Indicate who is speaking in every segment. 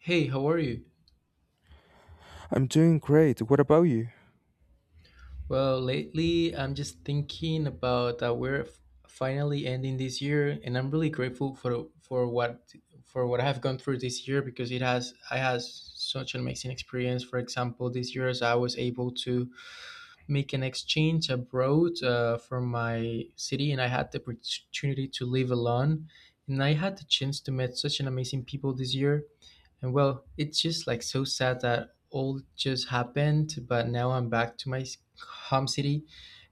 Speaker 1: Hey, how are you?
Speaker 2: I'm doing great. What about you?
Speaker 1: Well, lately I'm just thinking about that finally ending this year, and I'm really grateful for what I've gone through this year because it has such an amazing experience. For example, this year as I was able to make an exchange abroad, from my city, and I had the opportunity to live alone, and I had the chance to meet such an amazing people this year. And well, it's just like so sad that all just happened, but now I'm back to my home city.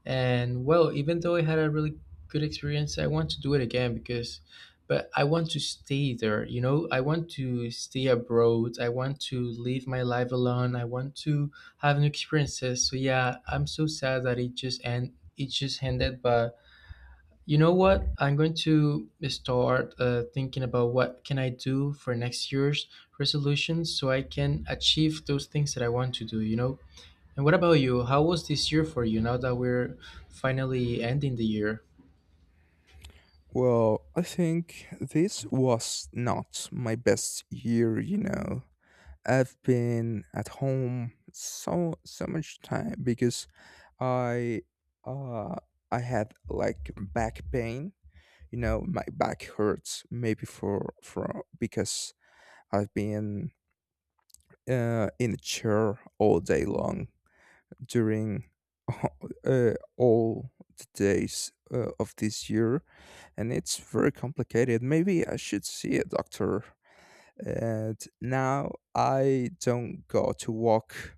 Speaker 1: And well, even though I had a really good experience, I want to do it but I want to stay there, I want to stay abroad. I want to live my life alone. I want to have new experiences. So yeah, I'm so sad that it just ended, but you know what? I'm going to start thinking about what can I do for next year's resolutions, so I can achieve those things that I want to do, you know? And what about you? How was this year for you now that we're finally ending the year?
Speaker 2: Well, I think this was not my best year, you know. I've been at home so much time because I uh I had like back pain. You know, my back hurts maybe for because I've been in a chair all day long during uh, all the days of this year. And it's very complicated. Maybe I should see a doctor. And now I don't go to walk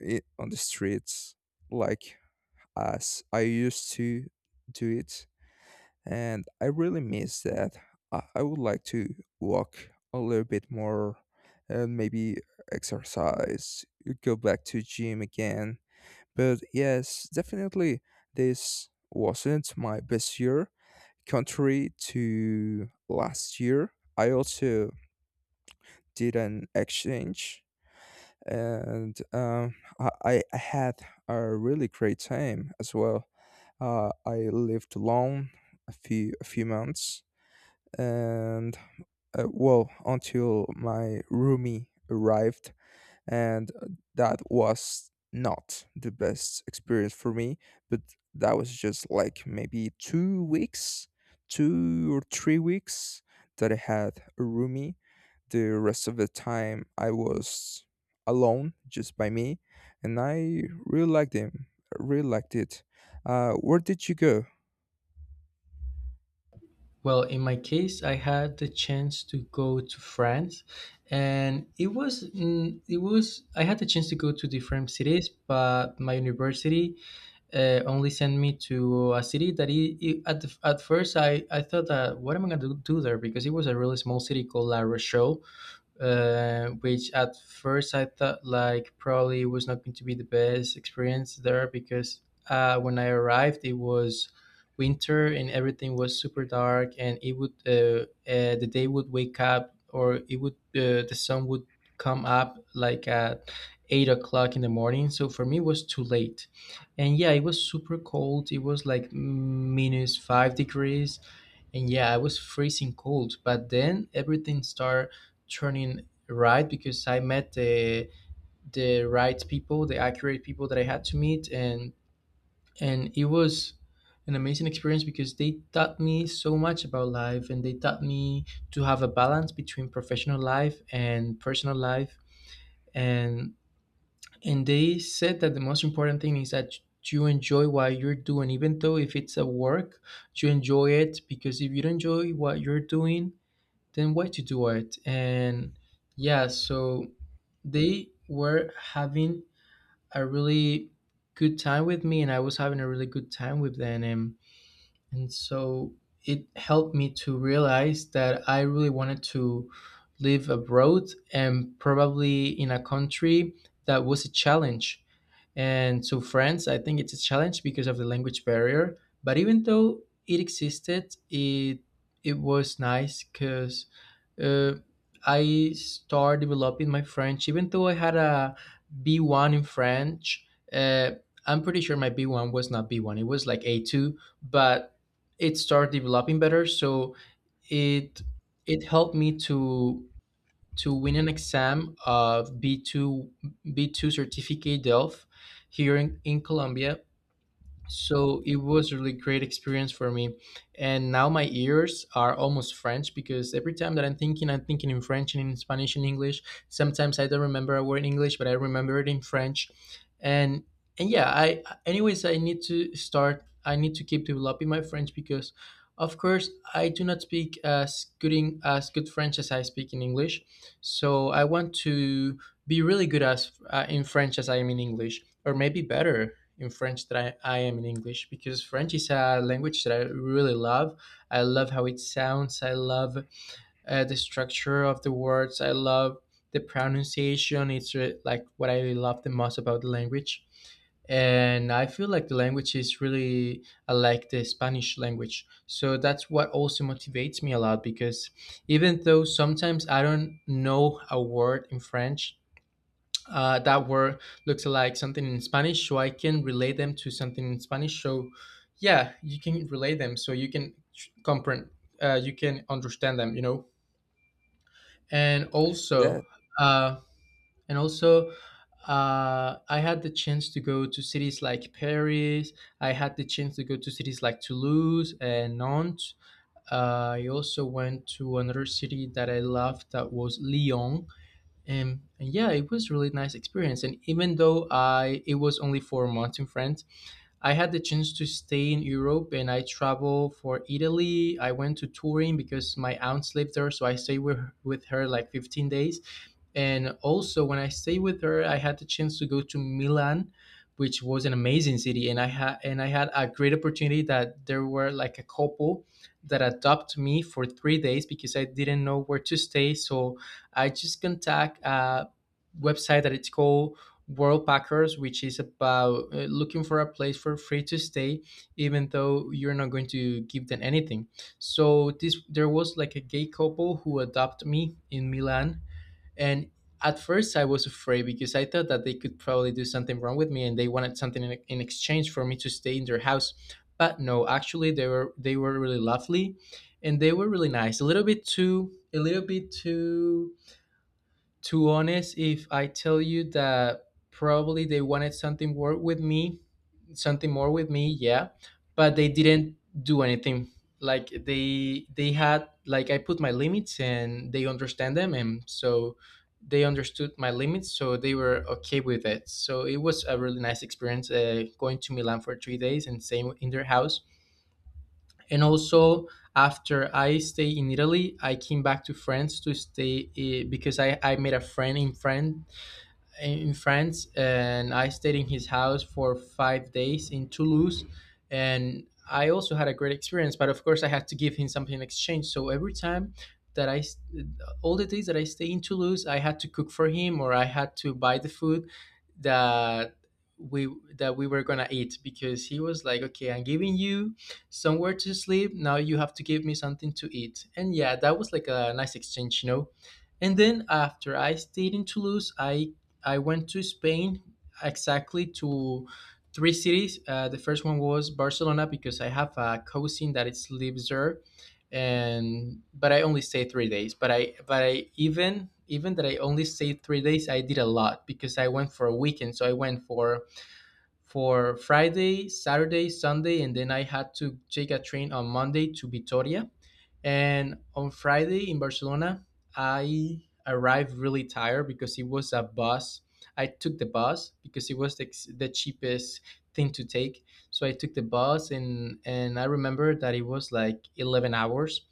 Speaker 2: on the streets, like as I used to do it. And I really miss that. I would like to walk a little bit more and maybe exercise, go back to gym again. But yes, definitely this wasn't my best year. Contrary to last year, I also did an exchange. And I had a really great time as well. I lived alone a few months, and well, until my roomie arrived, and that was not the best experience for me. But that was just like maybe 2 weeks, 2 or 3 weeks that I had a roomie. The rest of the time I was alone, just by me, and I really liked him. I really liked it. Where did you go?
Speaker 1: Well, in my case, I had the chance to go to France, and it was I had the chance to go to different cities, but my university only sent me to a city that it I- at the, at first I thought that what am I going to do there because it was a really small city called La Rochelle, which at first I thought like probably was not going to be the best experience there because when I arrived it was winter and everything was super dark and it would the day would wake up or it would the sun would come up like at 8 o'clock in the morning, so for me it was too late. And yeah, it was super cold, it was like minus 5 degrees. And yeah, I was freezing cold, but then everything started turning right, because I met the right people, the accurate people that I had to meet, and it was an amazing experience because they taught me so much about life, and they taught me to have a balance between professional life and personal life, and and they said that the most important thing is that you enjoy what you're doing, even though if it's a work, you enjoy it, because if you don't enjoy what you're doing, then way to do it. And yeah, so they were having a really good time with me, and I was having a really good time with them, and so it helped me to realize that I really wanted to live abroad, and probably in a country that was a challenge. And so France, I think it's a challenge because of the language barrier. But even though it existed, it was nice because, uh, I started developing my French. Even though I had a B one in French, uh, I'm pretty sure my B one was not B one. It was like A two, but it started developing better. So it it helped me to win an exam of B two, B two certificate DELF here in Colombia. So it was really great experience for me, and now my ears are almost French because every time that I'm thinking in French and in Spanish and English. Sometimes I don't remember a word in English, but I remember it in French. and and yeah, I anyways, I need to keep developing my French because of course I do not speak as good French as I speak in English. So I want to be really good as in French as I am in English, or maybe better in French than I am in English, because French is a language that I really love. I love how it sounds. I love the structure of the words. I love the pronunciation. Like what I love the most about the language. And I feel like the language is really like the Spanish language. So that's what also motivates me a lot, because even though sometimes I don't know a word in French, that word looks like something in Spanish, so I can relate them to something in Spanish. So yeah, you can relate them, so you can comprehend, you can understand them, you know. And
Speaker 2: Yeah.
Speaker 1: also, uh, and also, I had the chance to go to cities like Paris. I had the chance to go to cities like Toulouse and Nantes. I also went to another city that I loved that was Lyon. And yeah, it was really nice experience. And even though I it was only 4 months in France, I had the chance to stay in Europe and I traveled for Italy. I went to Turin because my aunt lived there, so I stayed with her like 15 days. And also, when I stayed with her, I had the chance to go to Milan, which was an amazing city. And I had a great opportunity that there were like a couple that adopted me for 3 days because I didn't know where to stay. So I just contact a website that it's called World Packers, which is about, looking for a place for free to stay, even though you're not going to give them anything. So this there was like a gay couple who adopted me in Milan, and at first I was afraid because I thought that they could probably do something wrong with me, and they wanted something in exchange for me to stay in their house. But no, actually they were really lovely, and they were really nice. A little bit too to honest, if I tell you that probably they wanted something more with me, yeah. But they didn't do anything, like they had, like I put my limits and they understand them, and so they understood my limits, so they were okay with it. So it was a really nice experience, going to Milan for 3 days and staying in their house. And also, after I stay in Italy, I came back to France to stay, because I made a friend in France, and I stayed in his house for 5 days in Toulouse, and I also had a great experience. But of course, I had to give him something in exchange. So every time that I, s- all the days that I stay in Toulouse, I had to cook for him, or I had to buy the food that we that we were gonna eat, because he was like, okay, I'm giving you somewhere to sleep. Now you have to give me something to eat. And yeah, that was like a nice exchange, you know. And then after I stayed in Toulouse, I went to Spain, exactly to three cities. The first one was Barcelona because I have a cousin that is lives there, and but I only stayed 3 days. But I even Even that I only stayed 3 days, I did a lot because I went for a weekend. So I went for Friday, Saturday, Sunday, and then I had to take a train on Monday to Vitoria. And on Friday in Barcelona, I arrived really tired because it was a bus. I took the bus because it was the cheapest thing to take. So I took the bus, and I remember that it was like 11 hours.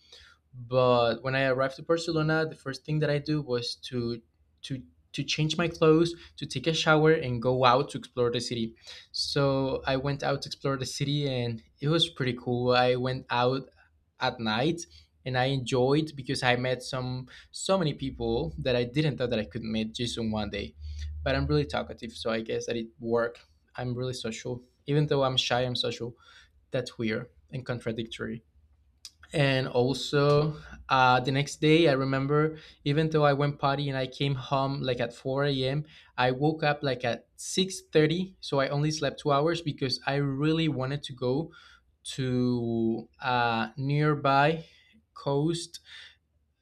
Speaker 1: But when I arrived to Barcelona, the first thing that I do was to to change my clothes, to take a shower, and go out to explore the city. So I went out to explore the city and it was pretty cool. I went out at night, and I enjoyed because I met some so many people that I didn't thought that I could meet just in one day. But I'm really talkative, so I guess that it worked. I'm really social. Even though I'm shy, I'm social. That's weird and contradictory. And also, the next day I remember, even though I went party and I came home like at 4 a.m., I woke up like at 6:30, so I only slept 2 hours, because I really wanted to go to a nearby coast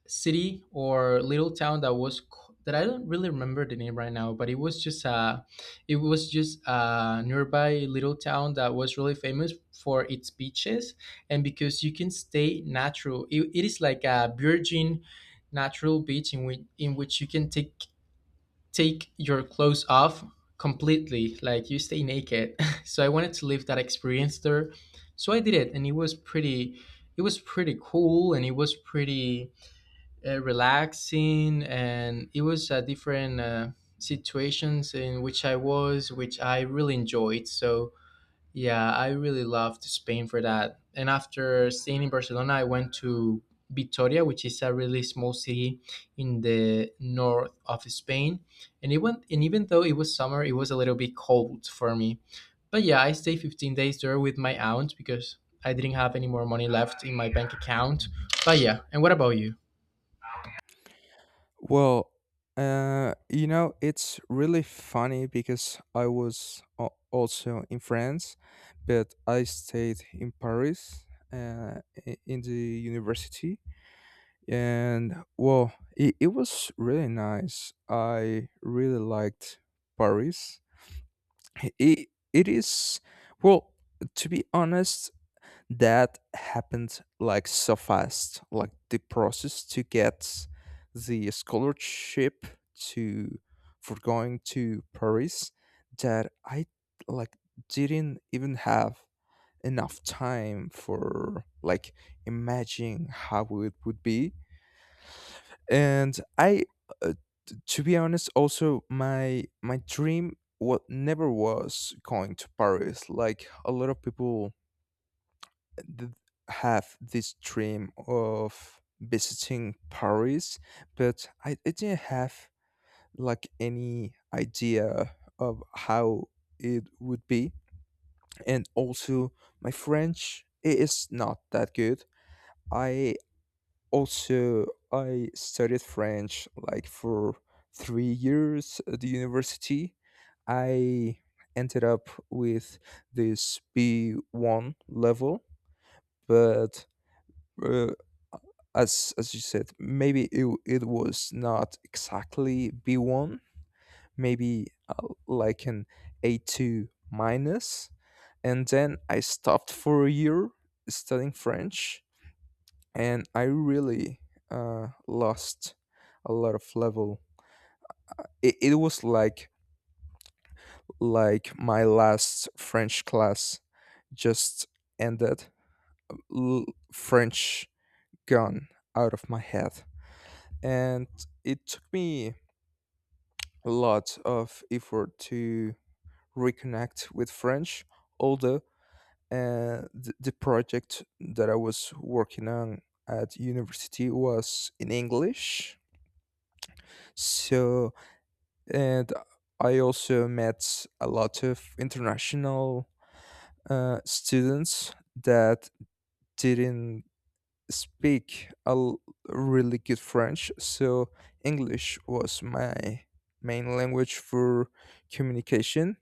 Speaker 1: city or little town that was that I don't really remember the name right now, but it was just a nearby little town that was really famous for its beaches, and because you can stay natural. It is like a virgin natural beach in which you can take your clothes off completely, like you stay naked. So I wanted to live that experience there. So I did it and it was pretty cool and it was pretty relaxing, and it was a different situations in which I really enjoyed. So yeah, I really loved Spain for that, and after staying in Barcelona I went to Vitoria, which is a really small city in the north of Spain, and it went. And even though it was summer, it was a little bit cold for me. But yeah, I stayed 15 days there with my aunt because I didn't have any more money left in my bank account. But yeah, and what about you?
Speaker 2: Well, you know, it's really funny because I was also in France, but I stayed in Paris, uh, in the university. And well, it was really nice. I really liked Paris. It is, well, to be honest, that happened like so fast. Like the process to get the scholarship to, for going to Paris, that I like didn't even have enough time for like imagining how it would be. And I, uh, to be honest, also, my dream what never was going to Paris. Like, a lot of people th- have this dream of visiting Paris, but I didn't have like any idea of how it would be. And also, my French is not that good. I also, I studied French like for 3 years at the university. I ended up with this B1 level, but uh, as you said, maybe it it was not exactly B1, maybe like an A2, minus, minus. And then I stopped for a year studying French, and I really lost a lot of level. It, it was like my last French class just ended, L- French gone out of my head, and it took me lot of effort to reconnect with French, although the project that I was working on at university was in English. So, and I also met a lot of international students that didn't speak really good French. So English was my main language for communication.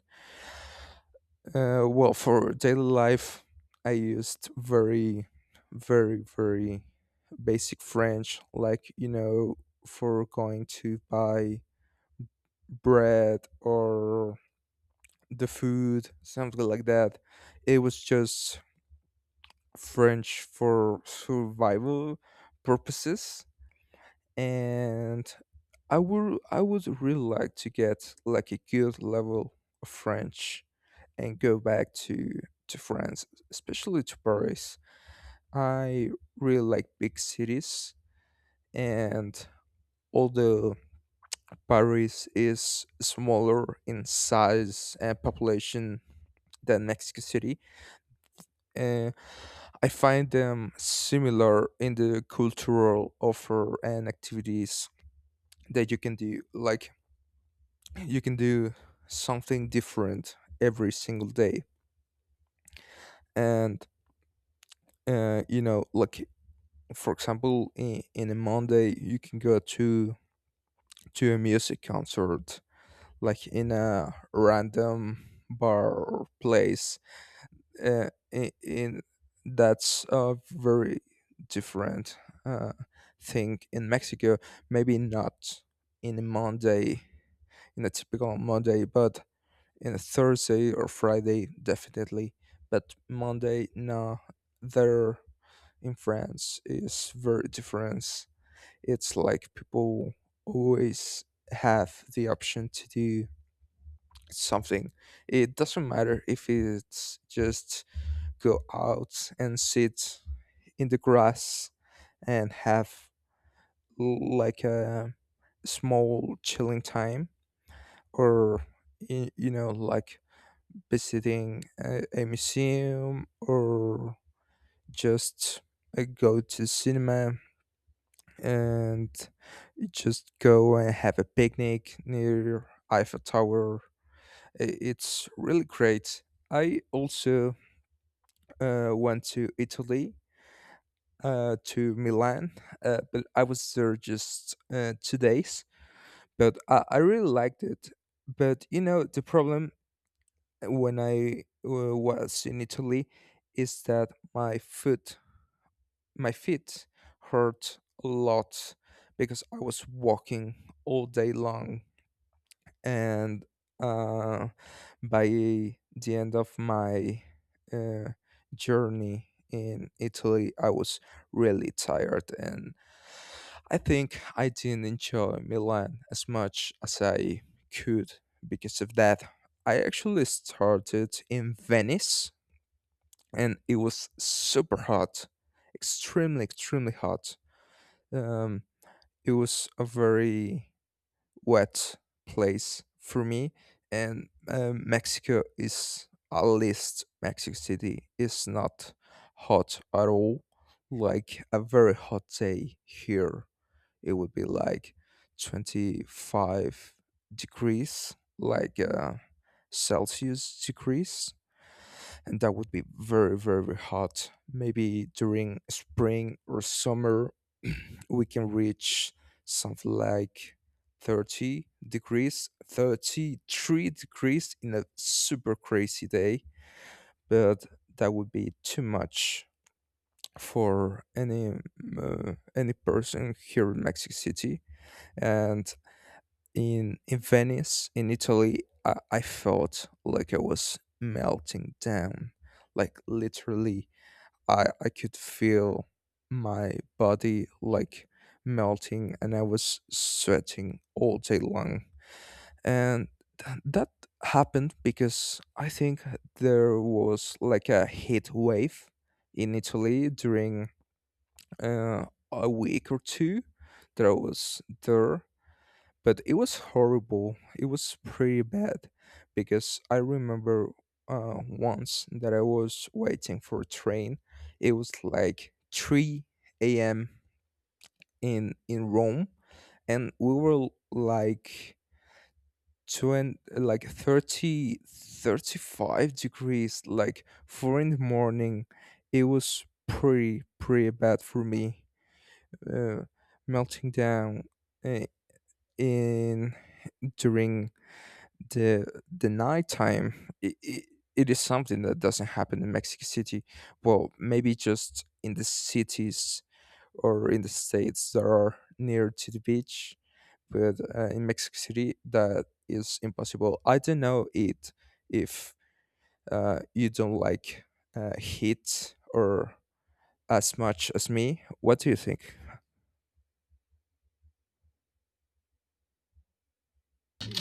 Speaker 2: Well, for daily life, I used very, very, very basic French, like, you know, for going to buy bread or the food, something like that. It was just French for survival purposes. And I would really like to get like a good level of French and go back to France, especially to Paris. I really like big cities, and although Paris is smaller in size and population than Mexico City, uh, I find them similar in the cultural offer and activities that you can do. Like, you can do something different every single day. And you know, like for example, in a Monday, you can go to a music concert, like in a random bar or place. In That's a very different uh, thing in Mexico. Maybe not in a Monday, in a typical Monday, but in Thursday or Friday, definitely. But Monday, no. There in France is very different. It's like people always have the option to do something. It doesn't matter if it's just go out and sit in the grass and have, like, a small chilling time, or, you know, like visiting a museum, or just go to cinema, and just go and have a picnic near Eiffel Tower. It's really great. I also went to Italy, to Milan, but I was there just 2 days. But I really liked it. But you know, the problem when I was in Italy is that, my food my feet hurt a lot because I was walking all day long. And uh, by the end of my uh, journey in Italy, I was really tired, and I think I didn't enjoy Milan as much as I could because of that. I actually started in Venice, and it was super hot, extremely, extremely hot. Um, it was a very wet place for me. And Mexico is, at least Mexico City, is not hot at all. Like, a very hot day here, it would be like 25 degrees, like Celsius degrees, and that would be very very hot maybe during spring or summer. We can reach something like 30 degrees, 33 degrees in a super crazy day, but that would be too much for any person here in Mexico City. And in Venice in Italy, I felt like I was melting down, like literally. I could feel my body like melting, and I was sweating all day long. And that happened because I think there was like a heat wave in Italy during uh, a week or two that I was there. But it was horrible. It was pretty bad because I remember once that I was waiting for a train. It was like 3 a.m. in Rome, and we were like 20, like 30, 35 degrees, like 4 in the morning. It was pretty, pretty bad for me. Uh, Melting down uh, in during the nighttime, it is something that doesn't happen in Mexico City. Well, maybe just in the cities or in the states that are near to the beach. But in Mexico City, that is impossible. I don't know it, if you don't like heat or as much as me. What do you think?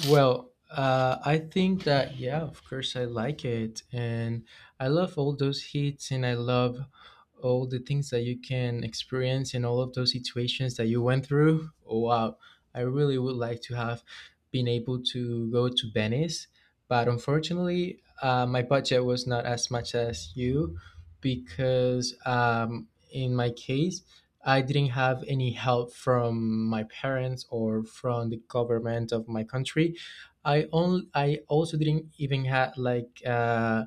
Speaker 1: Well, I think that yeah, of course I like it, and I love all those hits, and I love all the things that you can experience in all of those situations that you went through. Wow, I really would like to have been able to go to Venice, but unfortunately, my budget was not as much as you because in my case I didn't have any help from my parents or from the government of my country. I also didn't even have like uh,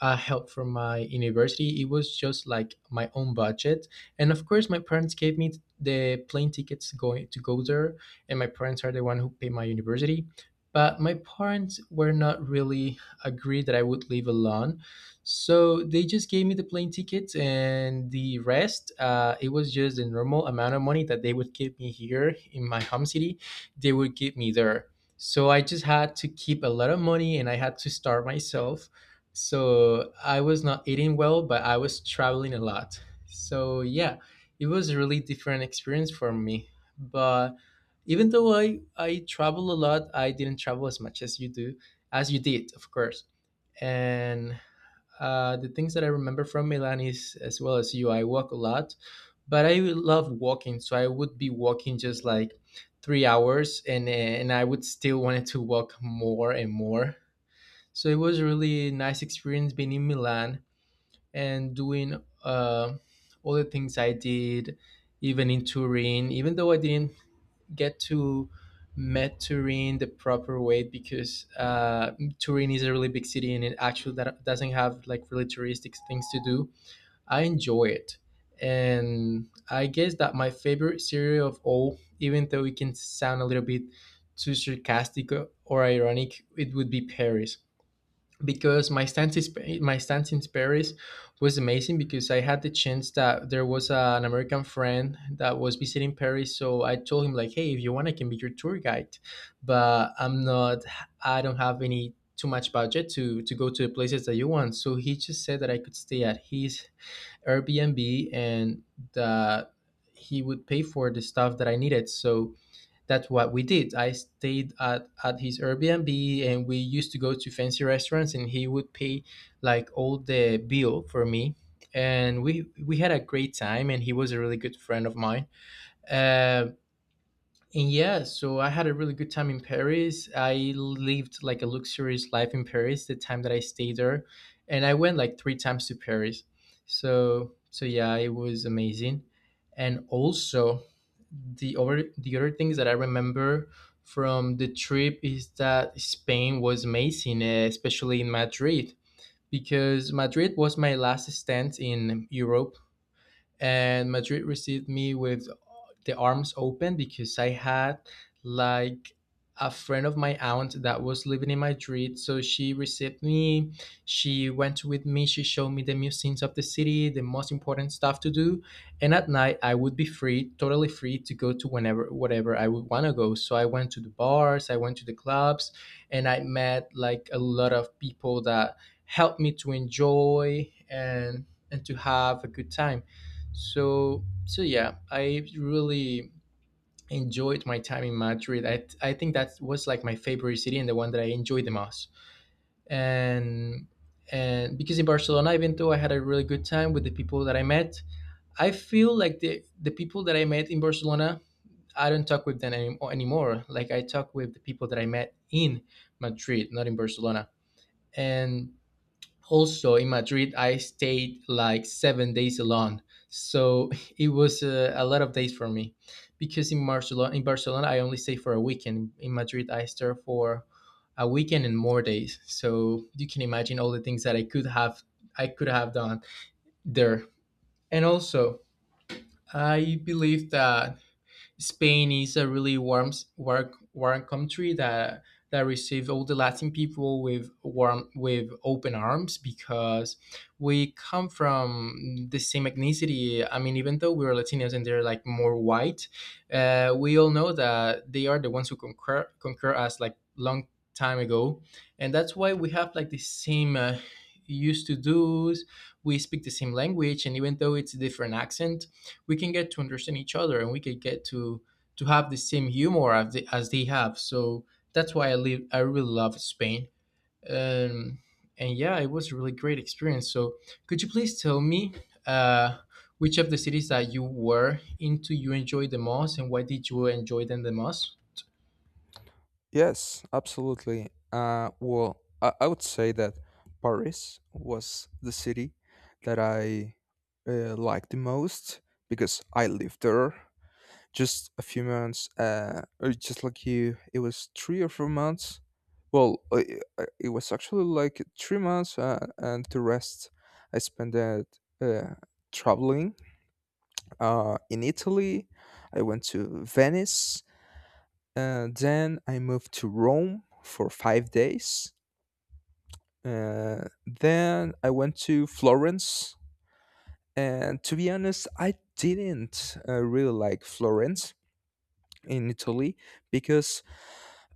Speaker 1: uh, help from my university. It was just like my own budget, and of course, my parents gave me the plane tickets going to go there, and my parents are the one who pay my university. But my parents were not really agreed that I would live alone, so they just gave me the plane tickets and the rest. It was just the normal amount of money that they would give me here in my home city. They would give me there. So I just had to keep a lot of money and I had to start myself. So I was not eating well, but I was traveling a lot. So yeah, it was a really different experience for me. But even though I travel a lot, I didn't travel as much as you do, as you did, of course. And the things that I remember from Milan is as well as you. I walk a lot, but I love walking, so I would be walking just like 3 hours, and I would still wanted to walk more and more. So it was a really nice experience being in Milan and doing all the things I did, even in Turin. Even though I didn't get to met Turin the proper way because Turin is a really big city and it actually that doesn't have like really touristic things to do. I enjoy it, and I guess that my favorite cereal of all, even though it can sound a little bit too sarcastic or ironic, it would be Paris because my stance in Paris was amazing because I had the chance that there was an American friend that was visiting Paris, so I told him like, hey, if you want, I can be your tour guide, but I don't have any too much budget to go to the places that you want. So he just said that I could stay at his Airbnb and that he would pay for the stuff that I needed. So that's what we did. I stayed at his Airbnb and we used to go to fancy restaurants and he would pay like all the bill for me. And we had a great time and he was a really good friend of mine. Um and yeah, so I had a really good time in Paris. I lived like a luxurious life in Paris the time that I stayed there, and I went like 3 times to Paris. So yeah, it was amazing. And also, the other things that I remember from the trip is that Spain was amazing, eh, especially in Madrid, because Madrid was my last stint in Europe, and Madrid received me with the arms open because I had like a friend of my aunt that was living in Madrid. So she received me. She went with me. She showed me the museums of the city, the most important stuff to do. And at night, I would be free, totally free to go to whenever, whatever I would want to go. So I went to the bars, I went to the clubs, and I met like a lot of people that helped me to enjoy and to have a good time. So yeah, I really enjoyed my time in Madrid. I think that was like my favorite city and the one that I enjoyed the most. And and because in Barcelona, even though I had a really good time with the people that I met, I feel like the people that I met in Barcelona, I don't talk with them anymore. Like I talk with the people that I met in Madrid, not in Barcelona. And also in Madrid, I stayed like 7 days alone, so it was a lot of days for me. Because in Barcelona, I only stayed for a weekend. In Madrid, I stayed for a weekend and more days. So you can imagine all the things that I could have done there. And also, I believe that Spain is a really warm country that received all the Latin people with warm with open arms because we come from the same ethnicity. I mean, even though we're Latinos and they're like more white, we all know that they are the ones who conquer us like long time ago, and that's why we have like the same used to do's. We speak the same language, and even though it's a different accent, we can get to understand each other and we can get to have the same humor as as they have. So that's why I really love Spain. um, and yeah, it was a really great experience. So could you please tell me uh, which of the cities that you were into you enjoyed the most, and why did you enjoy them the most?
Speaker 2: Yes, absolutely. Well, I would say that Paris was the city that I liked the most because I lived there just a few months, or just like you. It was 3 or 4 months. Well, it was actually like 3 months, and the rest I spent it traveling. In Italy, I went to Venice, then I moved to Rome for 5 days. Then I went to Florence. And to be honest, I didn't really like Florence in Italy because,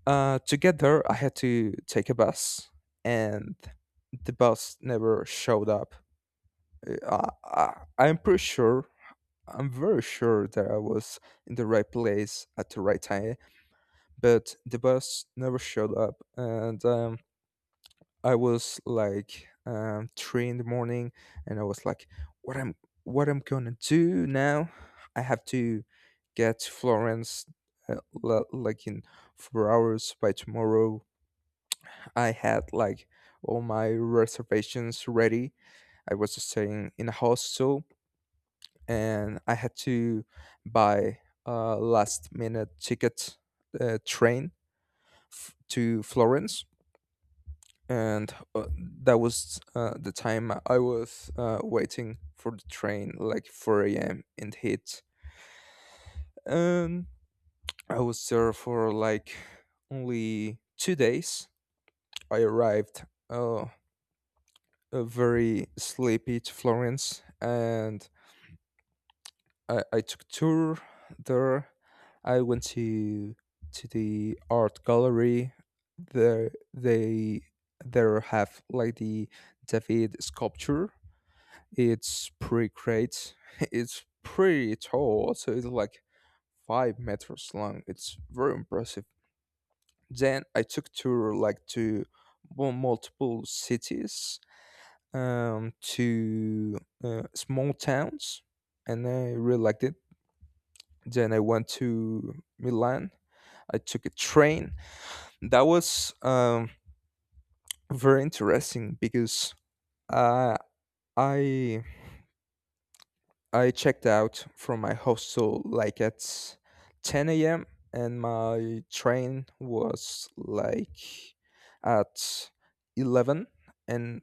Speaker 2: to get there, I had to take a bus, and the bus never showed up. Uh, I, I, I'm pretty sure, I'm very sure that I was in the right place at the right time, but the bus never showed up. And I was like, three in the morning, and I was like, "What I'm what I'm gonna do now? I have to get to Florence, like, in 4 hours by tomorrow." I had like all my reservations ready. I was staying in a hostel, and I had to buy a last minute ticket, train, to Florence. And that was the time I was waiting for the train, like 4 a.m. and heat. And I was there for like only 2 days. I arrived uh, very sleepy to Florence, and I took tour there. I went to the art gallery. There they there have like the David sculpture. It's pretty great. It's pretty tall, so it's like 5 meters long. It's very impressive. Then I took tour like to multiple cities, to small towns, and I really liked it. Then I went to Milan. I took a train. That was very interesting because, uh, I I checked out from my hostel like at 10 a.m. and my train was like at 11, and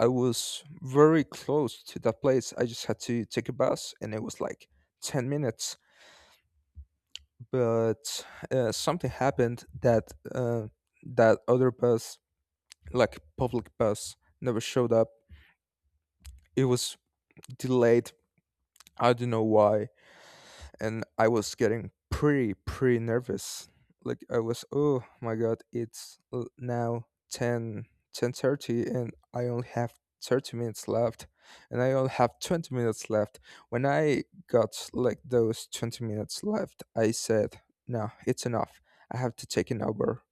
Speaker 2: I was very close to that place. I just had to take a bus, and it was like 10 minutes. But something happened that, that other bus, like public bus, never showed up. It was delayed. I don't know why, and I was getting pretty pretty nervous. Like, I was, oh my god, it's now ten ten thirty, and I only have 30 minutes left, and I only have 20 minutes left. When I got like those 20 minutes left, I said, "No, it's enough. I have to take an Uber."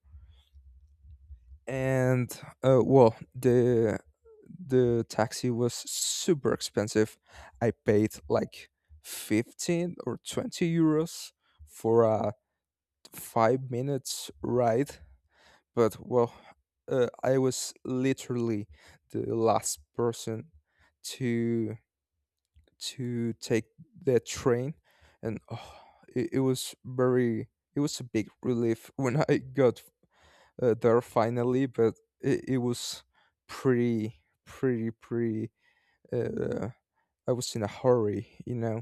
Speaker 2: And well, the taxi was super expensive. I paid like 15 or €20 for a 5 minutes ride. But well, I was literally the last person to take the train. And oh, it was very, it was a big relief when I got there finally. But it was pretty, pretty, pretty. Uh, I was in a hurry, you know.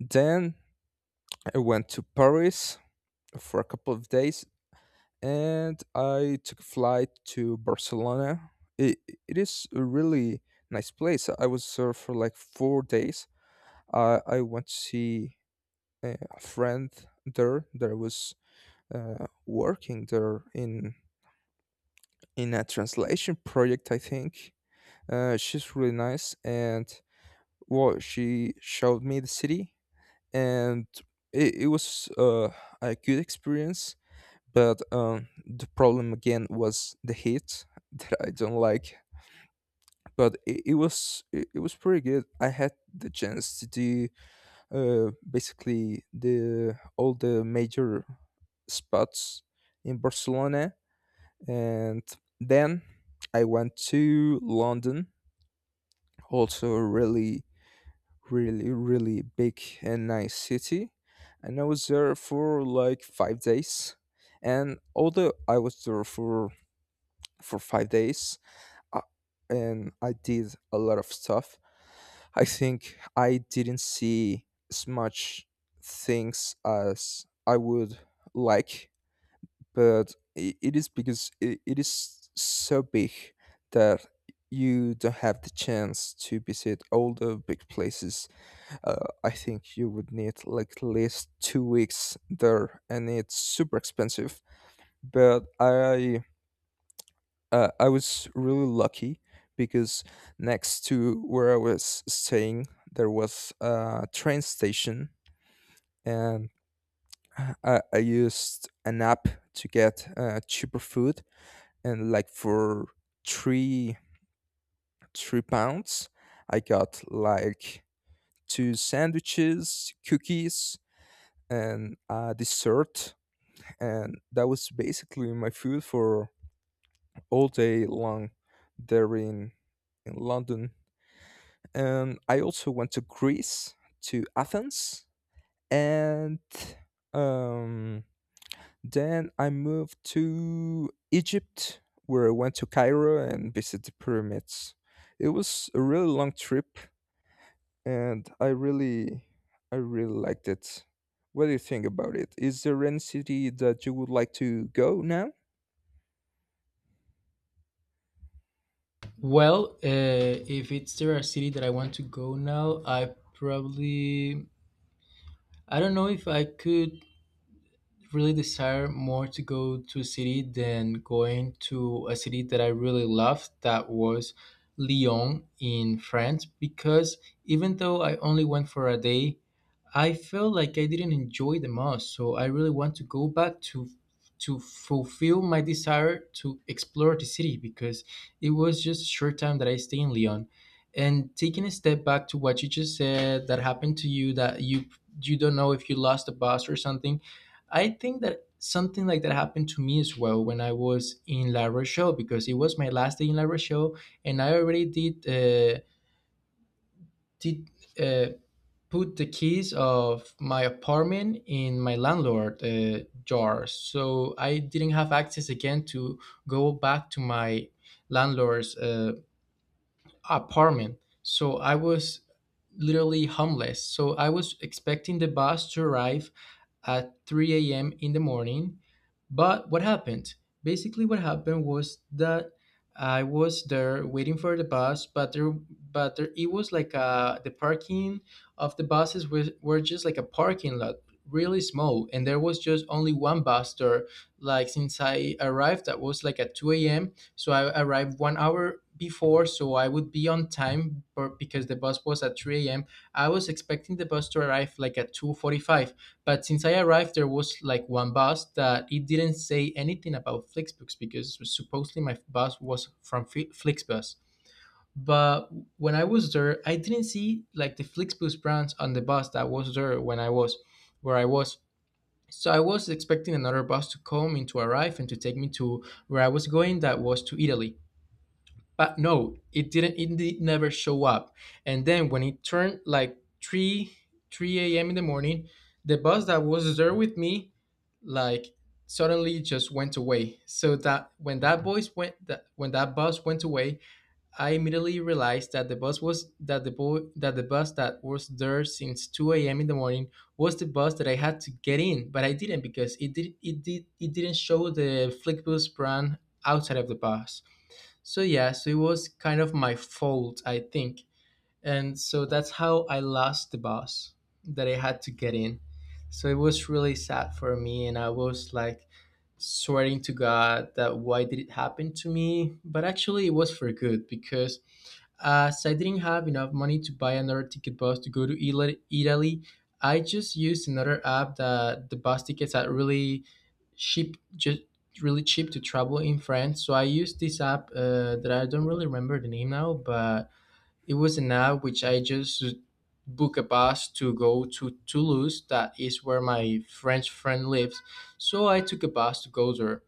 Speaker 2: Then I went to Paris for a couple of days, and I took a flight to Barcelona. It, it is a really nice place. I was there for like 4 days. I went to see a friend there that was working there in a translation project, I think. She's really nice, and well, she showed me the city, and it was a good experience. But the problem again was the heat that I don't like. But it was pretty good. I had the chance to do basically the all the major spots in Barcelona. And then I went to London. Also, a really really, really big and nice city. And I was there for like 5 days. And although I was there for 5 days, I, and I did a lot of stuff, I think I didn't see as much things as I would like. But, I it is because it is so big that you don't have the chance to visit all the big places. I think you would need like at least 2 weeks there, and it's super expensive. But I, I was really lucky because next to where I was staying, there was a train station, and I used an app to get cheaper food, and like for three three pounds, I got like two sandwiches, cookies, and a dessert. And that was basically my food for all day long there in London. And I also went to Greece, to Athens, and um, then I moved to Egypt, where I went to Cairo and visited the pyramids. It was a really long trip, and I really liked it. What do you think about it? Is there any city that you would like to go now?
Speaker 1: Well, if it's there a city that I want to go now, I probably I don't know if I could really desire more to go to a city than going to a city that I really loved, that was Lyon in France. Because even though I only went for a day, I felt like I didn't enjoy the most, so I really want to go back to fulfill my desire to explore the city, because it was just a short time that I stayed in Lyon. And taking a step back to what you just said that happened to you, that you don't know if you lost a bus or something, I think that something like that happened to me as well when I was in La Rochelle, because it was my last day in La Rochelle and I already did. Uh, put the keys of my apartment in my landlord jar, so I didn't have access again to go back to my landlord's apartment. So I was literally homeless, so I was expecting the bus to arrive at 3 a.m. in the morning. But what happened? Basically, what happened was that I was there waiting for the bus, but there, it was like the parking of the buses were just like a parking lot, really small, and there was just only one bus there. Like since I arrived, that was like at 2 a.m. So I arrived 1 hour before, so I would be on time, but because the bus was at 3 a.m. I was expecting the bus to arrive like at 2:45, but since I arrived, there was like one bus that it didn't say anything about Flixbus because supposedly my bus was from Flixbus. But when I was there, I didn't see like the Flixbus brands on the bus that was there when I was where I was. So I was expecting another bus to come and to arrive and to take me to where I was going, that was to Italy. But no, it didn't. It did never show up. And then when it turned like three a.m. in the morning, the bus that was there with me, like suddenly just went away. So that when that bus went away, I immediately realized that the bus that was there since two a.m. in the morning was the bus that I had to get in, but I didn't because it did it did it didn't show the Flixbus brand outside of the bus. So yeah, so it was kind of my fault, I think. And so that's how I lost the bus that I had to get in. So it was really sad for me. And I was like sweating to God that why did it happen to me? But actually, it was for good because as I didn't have enough money to buy another ticket bus to go to Italy, I just used another app that the bus tickets are really cheap, just really cheap to travel in France. So I used this app that I don't really remember the name now, but it was an app which I just book a bus to go to Toulouse. That is where my French friend lives. So I took a bus to go there.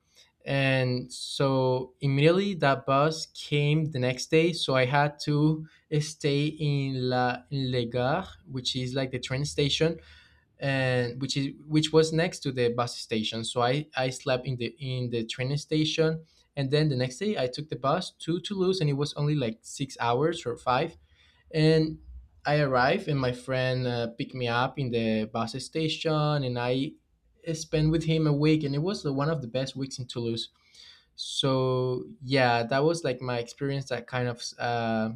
Speaker 1: And so immediately that bus came the next day. So I had to stay in La in Le Gare, which is like the train station, and which was next to the bus station. So I slept in the train station. And then the next day I took the bus to Toulouse and it was only like 6 hours or five, and I arrived, and my friend picked me up in the bus station, and I spent with him a week, and it was one of the best weeks in Toulouse. So yeah, that was like my experience. That kind of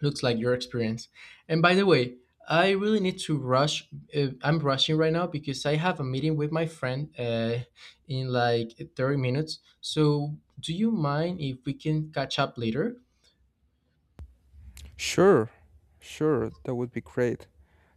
Speaker 1: looks like your experience. And by the way, I really need to rush. I'm rushing right now because I have a meeting with my friend in like 30 minutes. So do you mind if we can catch up later?
Speaker 2: Sure, sure, that would be great.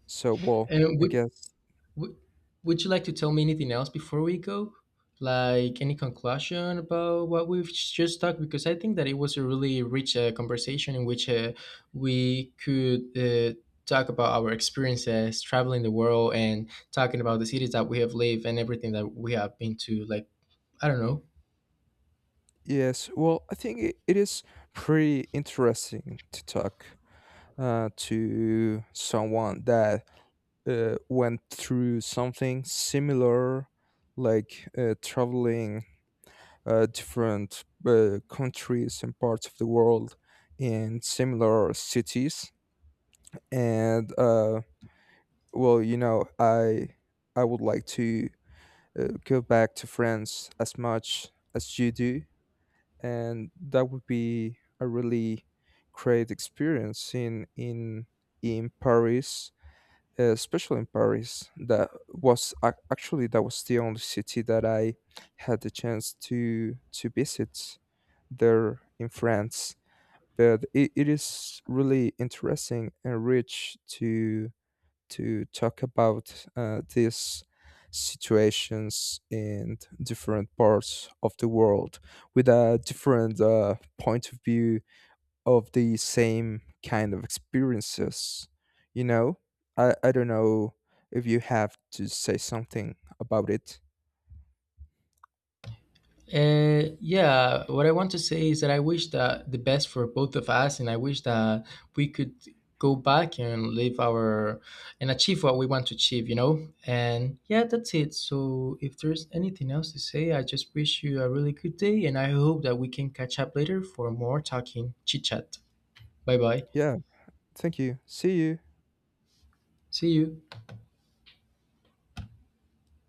Speaker 2: So, well,
Speaker 1: And
Speaker 2: I
Speaker 1: we
Speaker 2: guess,
Speaker 1: W- would you like to tell me anything else before we go? Like any conclusion about what we've just talked? Because I think that it was a really rich conversation in which we could talk about our experiences traveling the world and talking about the cities that we have lived and everything that we have been to. Like, I don't know.
Speaker 2: yes, well, I think it, it is pretty interesting to talk to someone that went through something similar, like, traveling different countries and parts of the world, in similar cities. And, well, you know, I would like to go back to France as much as you do, and that would be a really great experience in, in Paris, especially in Paris. That was actually that was the only city that I had the chance to visit there in France. But it is really interesting and rich to talk about these situations in different parts of the world with a different point of view of the same kind of experiences. You know, I don't know if you have to say something about it.
Speaker 1: Yeah, what I want to say is that I wish that the best for both of us, and I wish that we could go back and live our and achieve what we want to achieve, you know? And yeah, that's it. So if there's anything else to say, I just wish you a really good day, and I hope that we can catch up later for more talking chit chat. Bye bye.
Speaker 2: Yeah, thank you. See you.
Speaker 1: See you.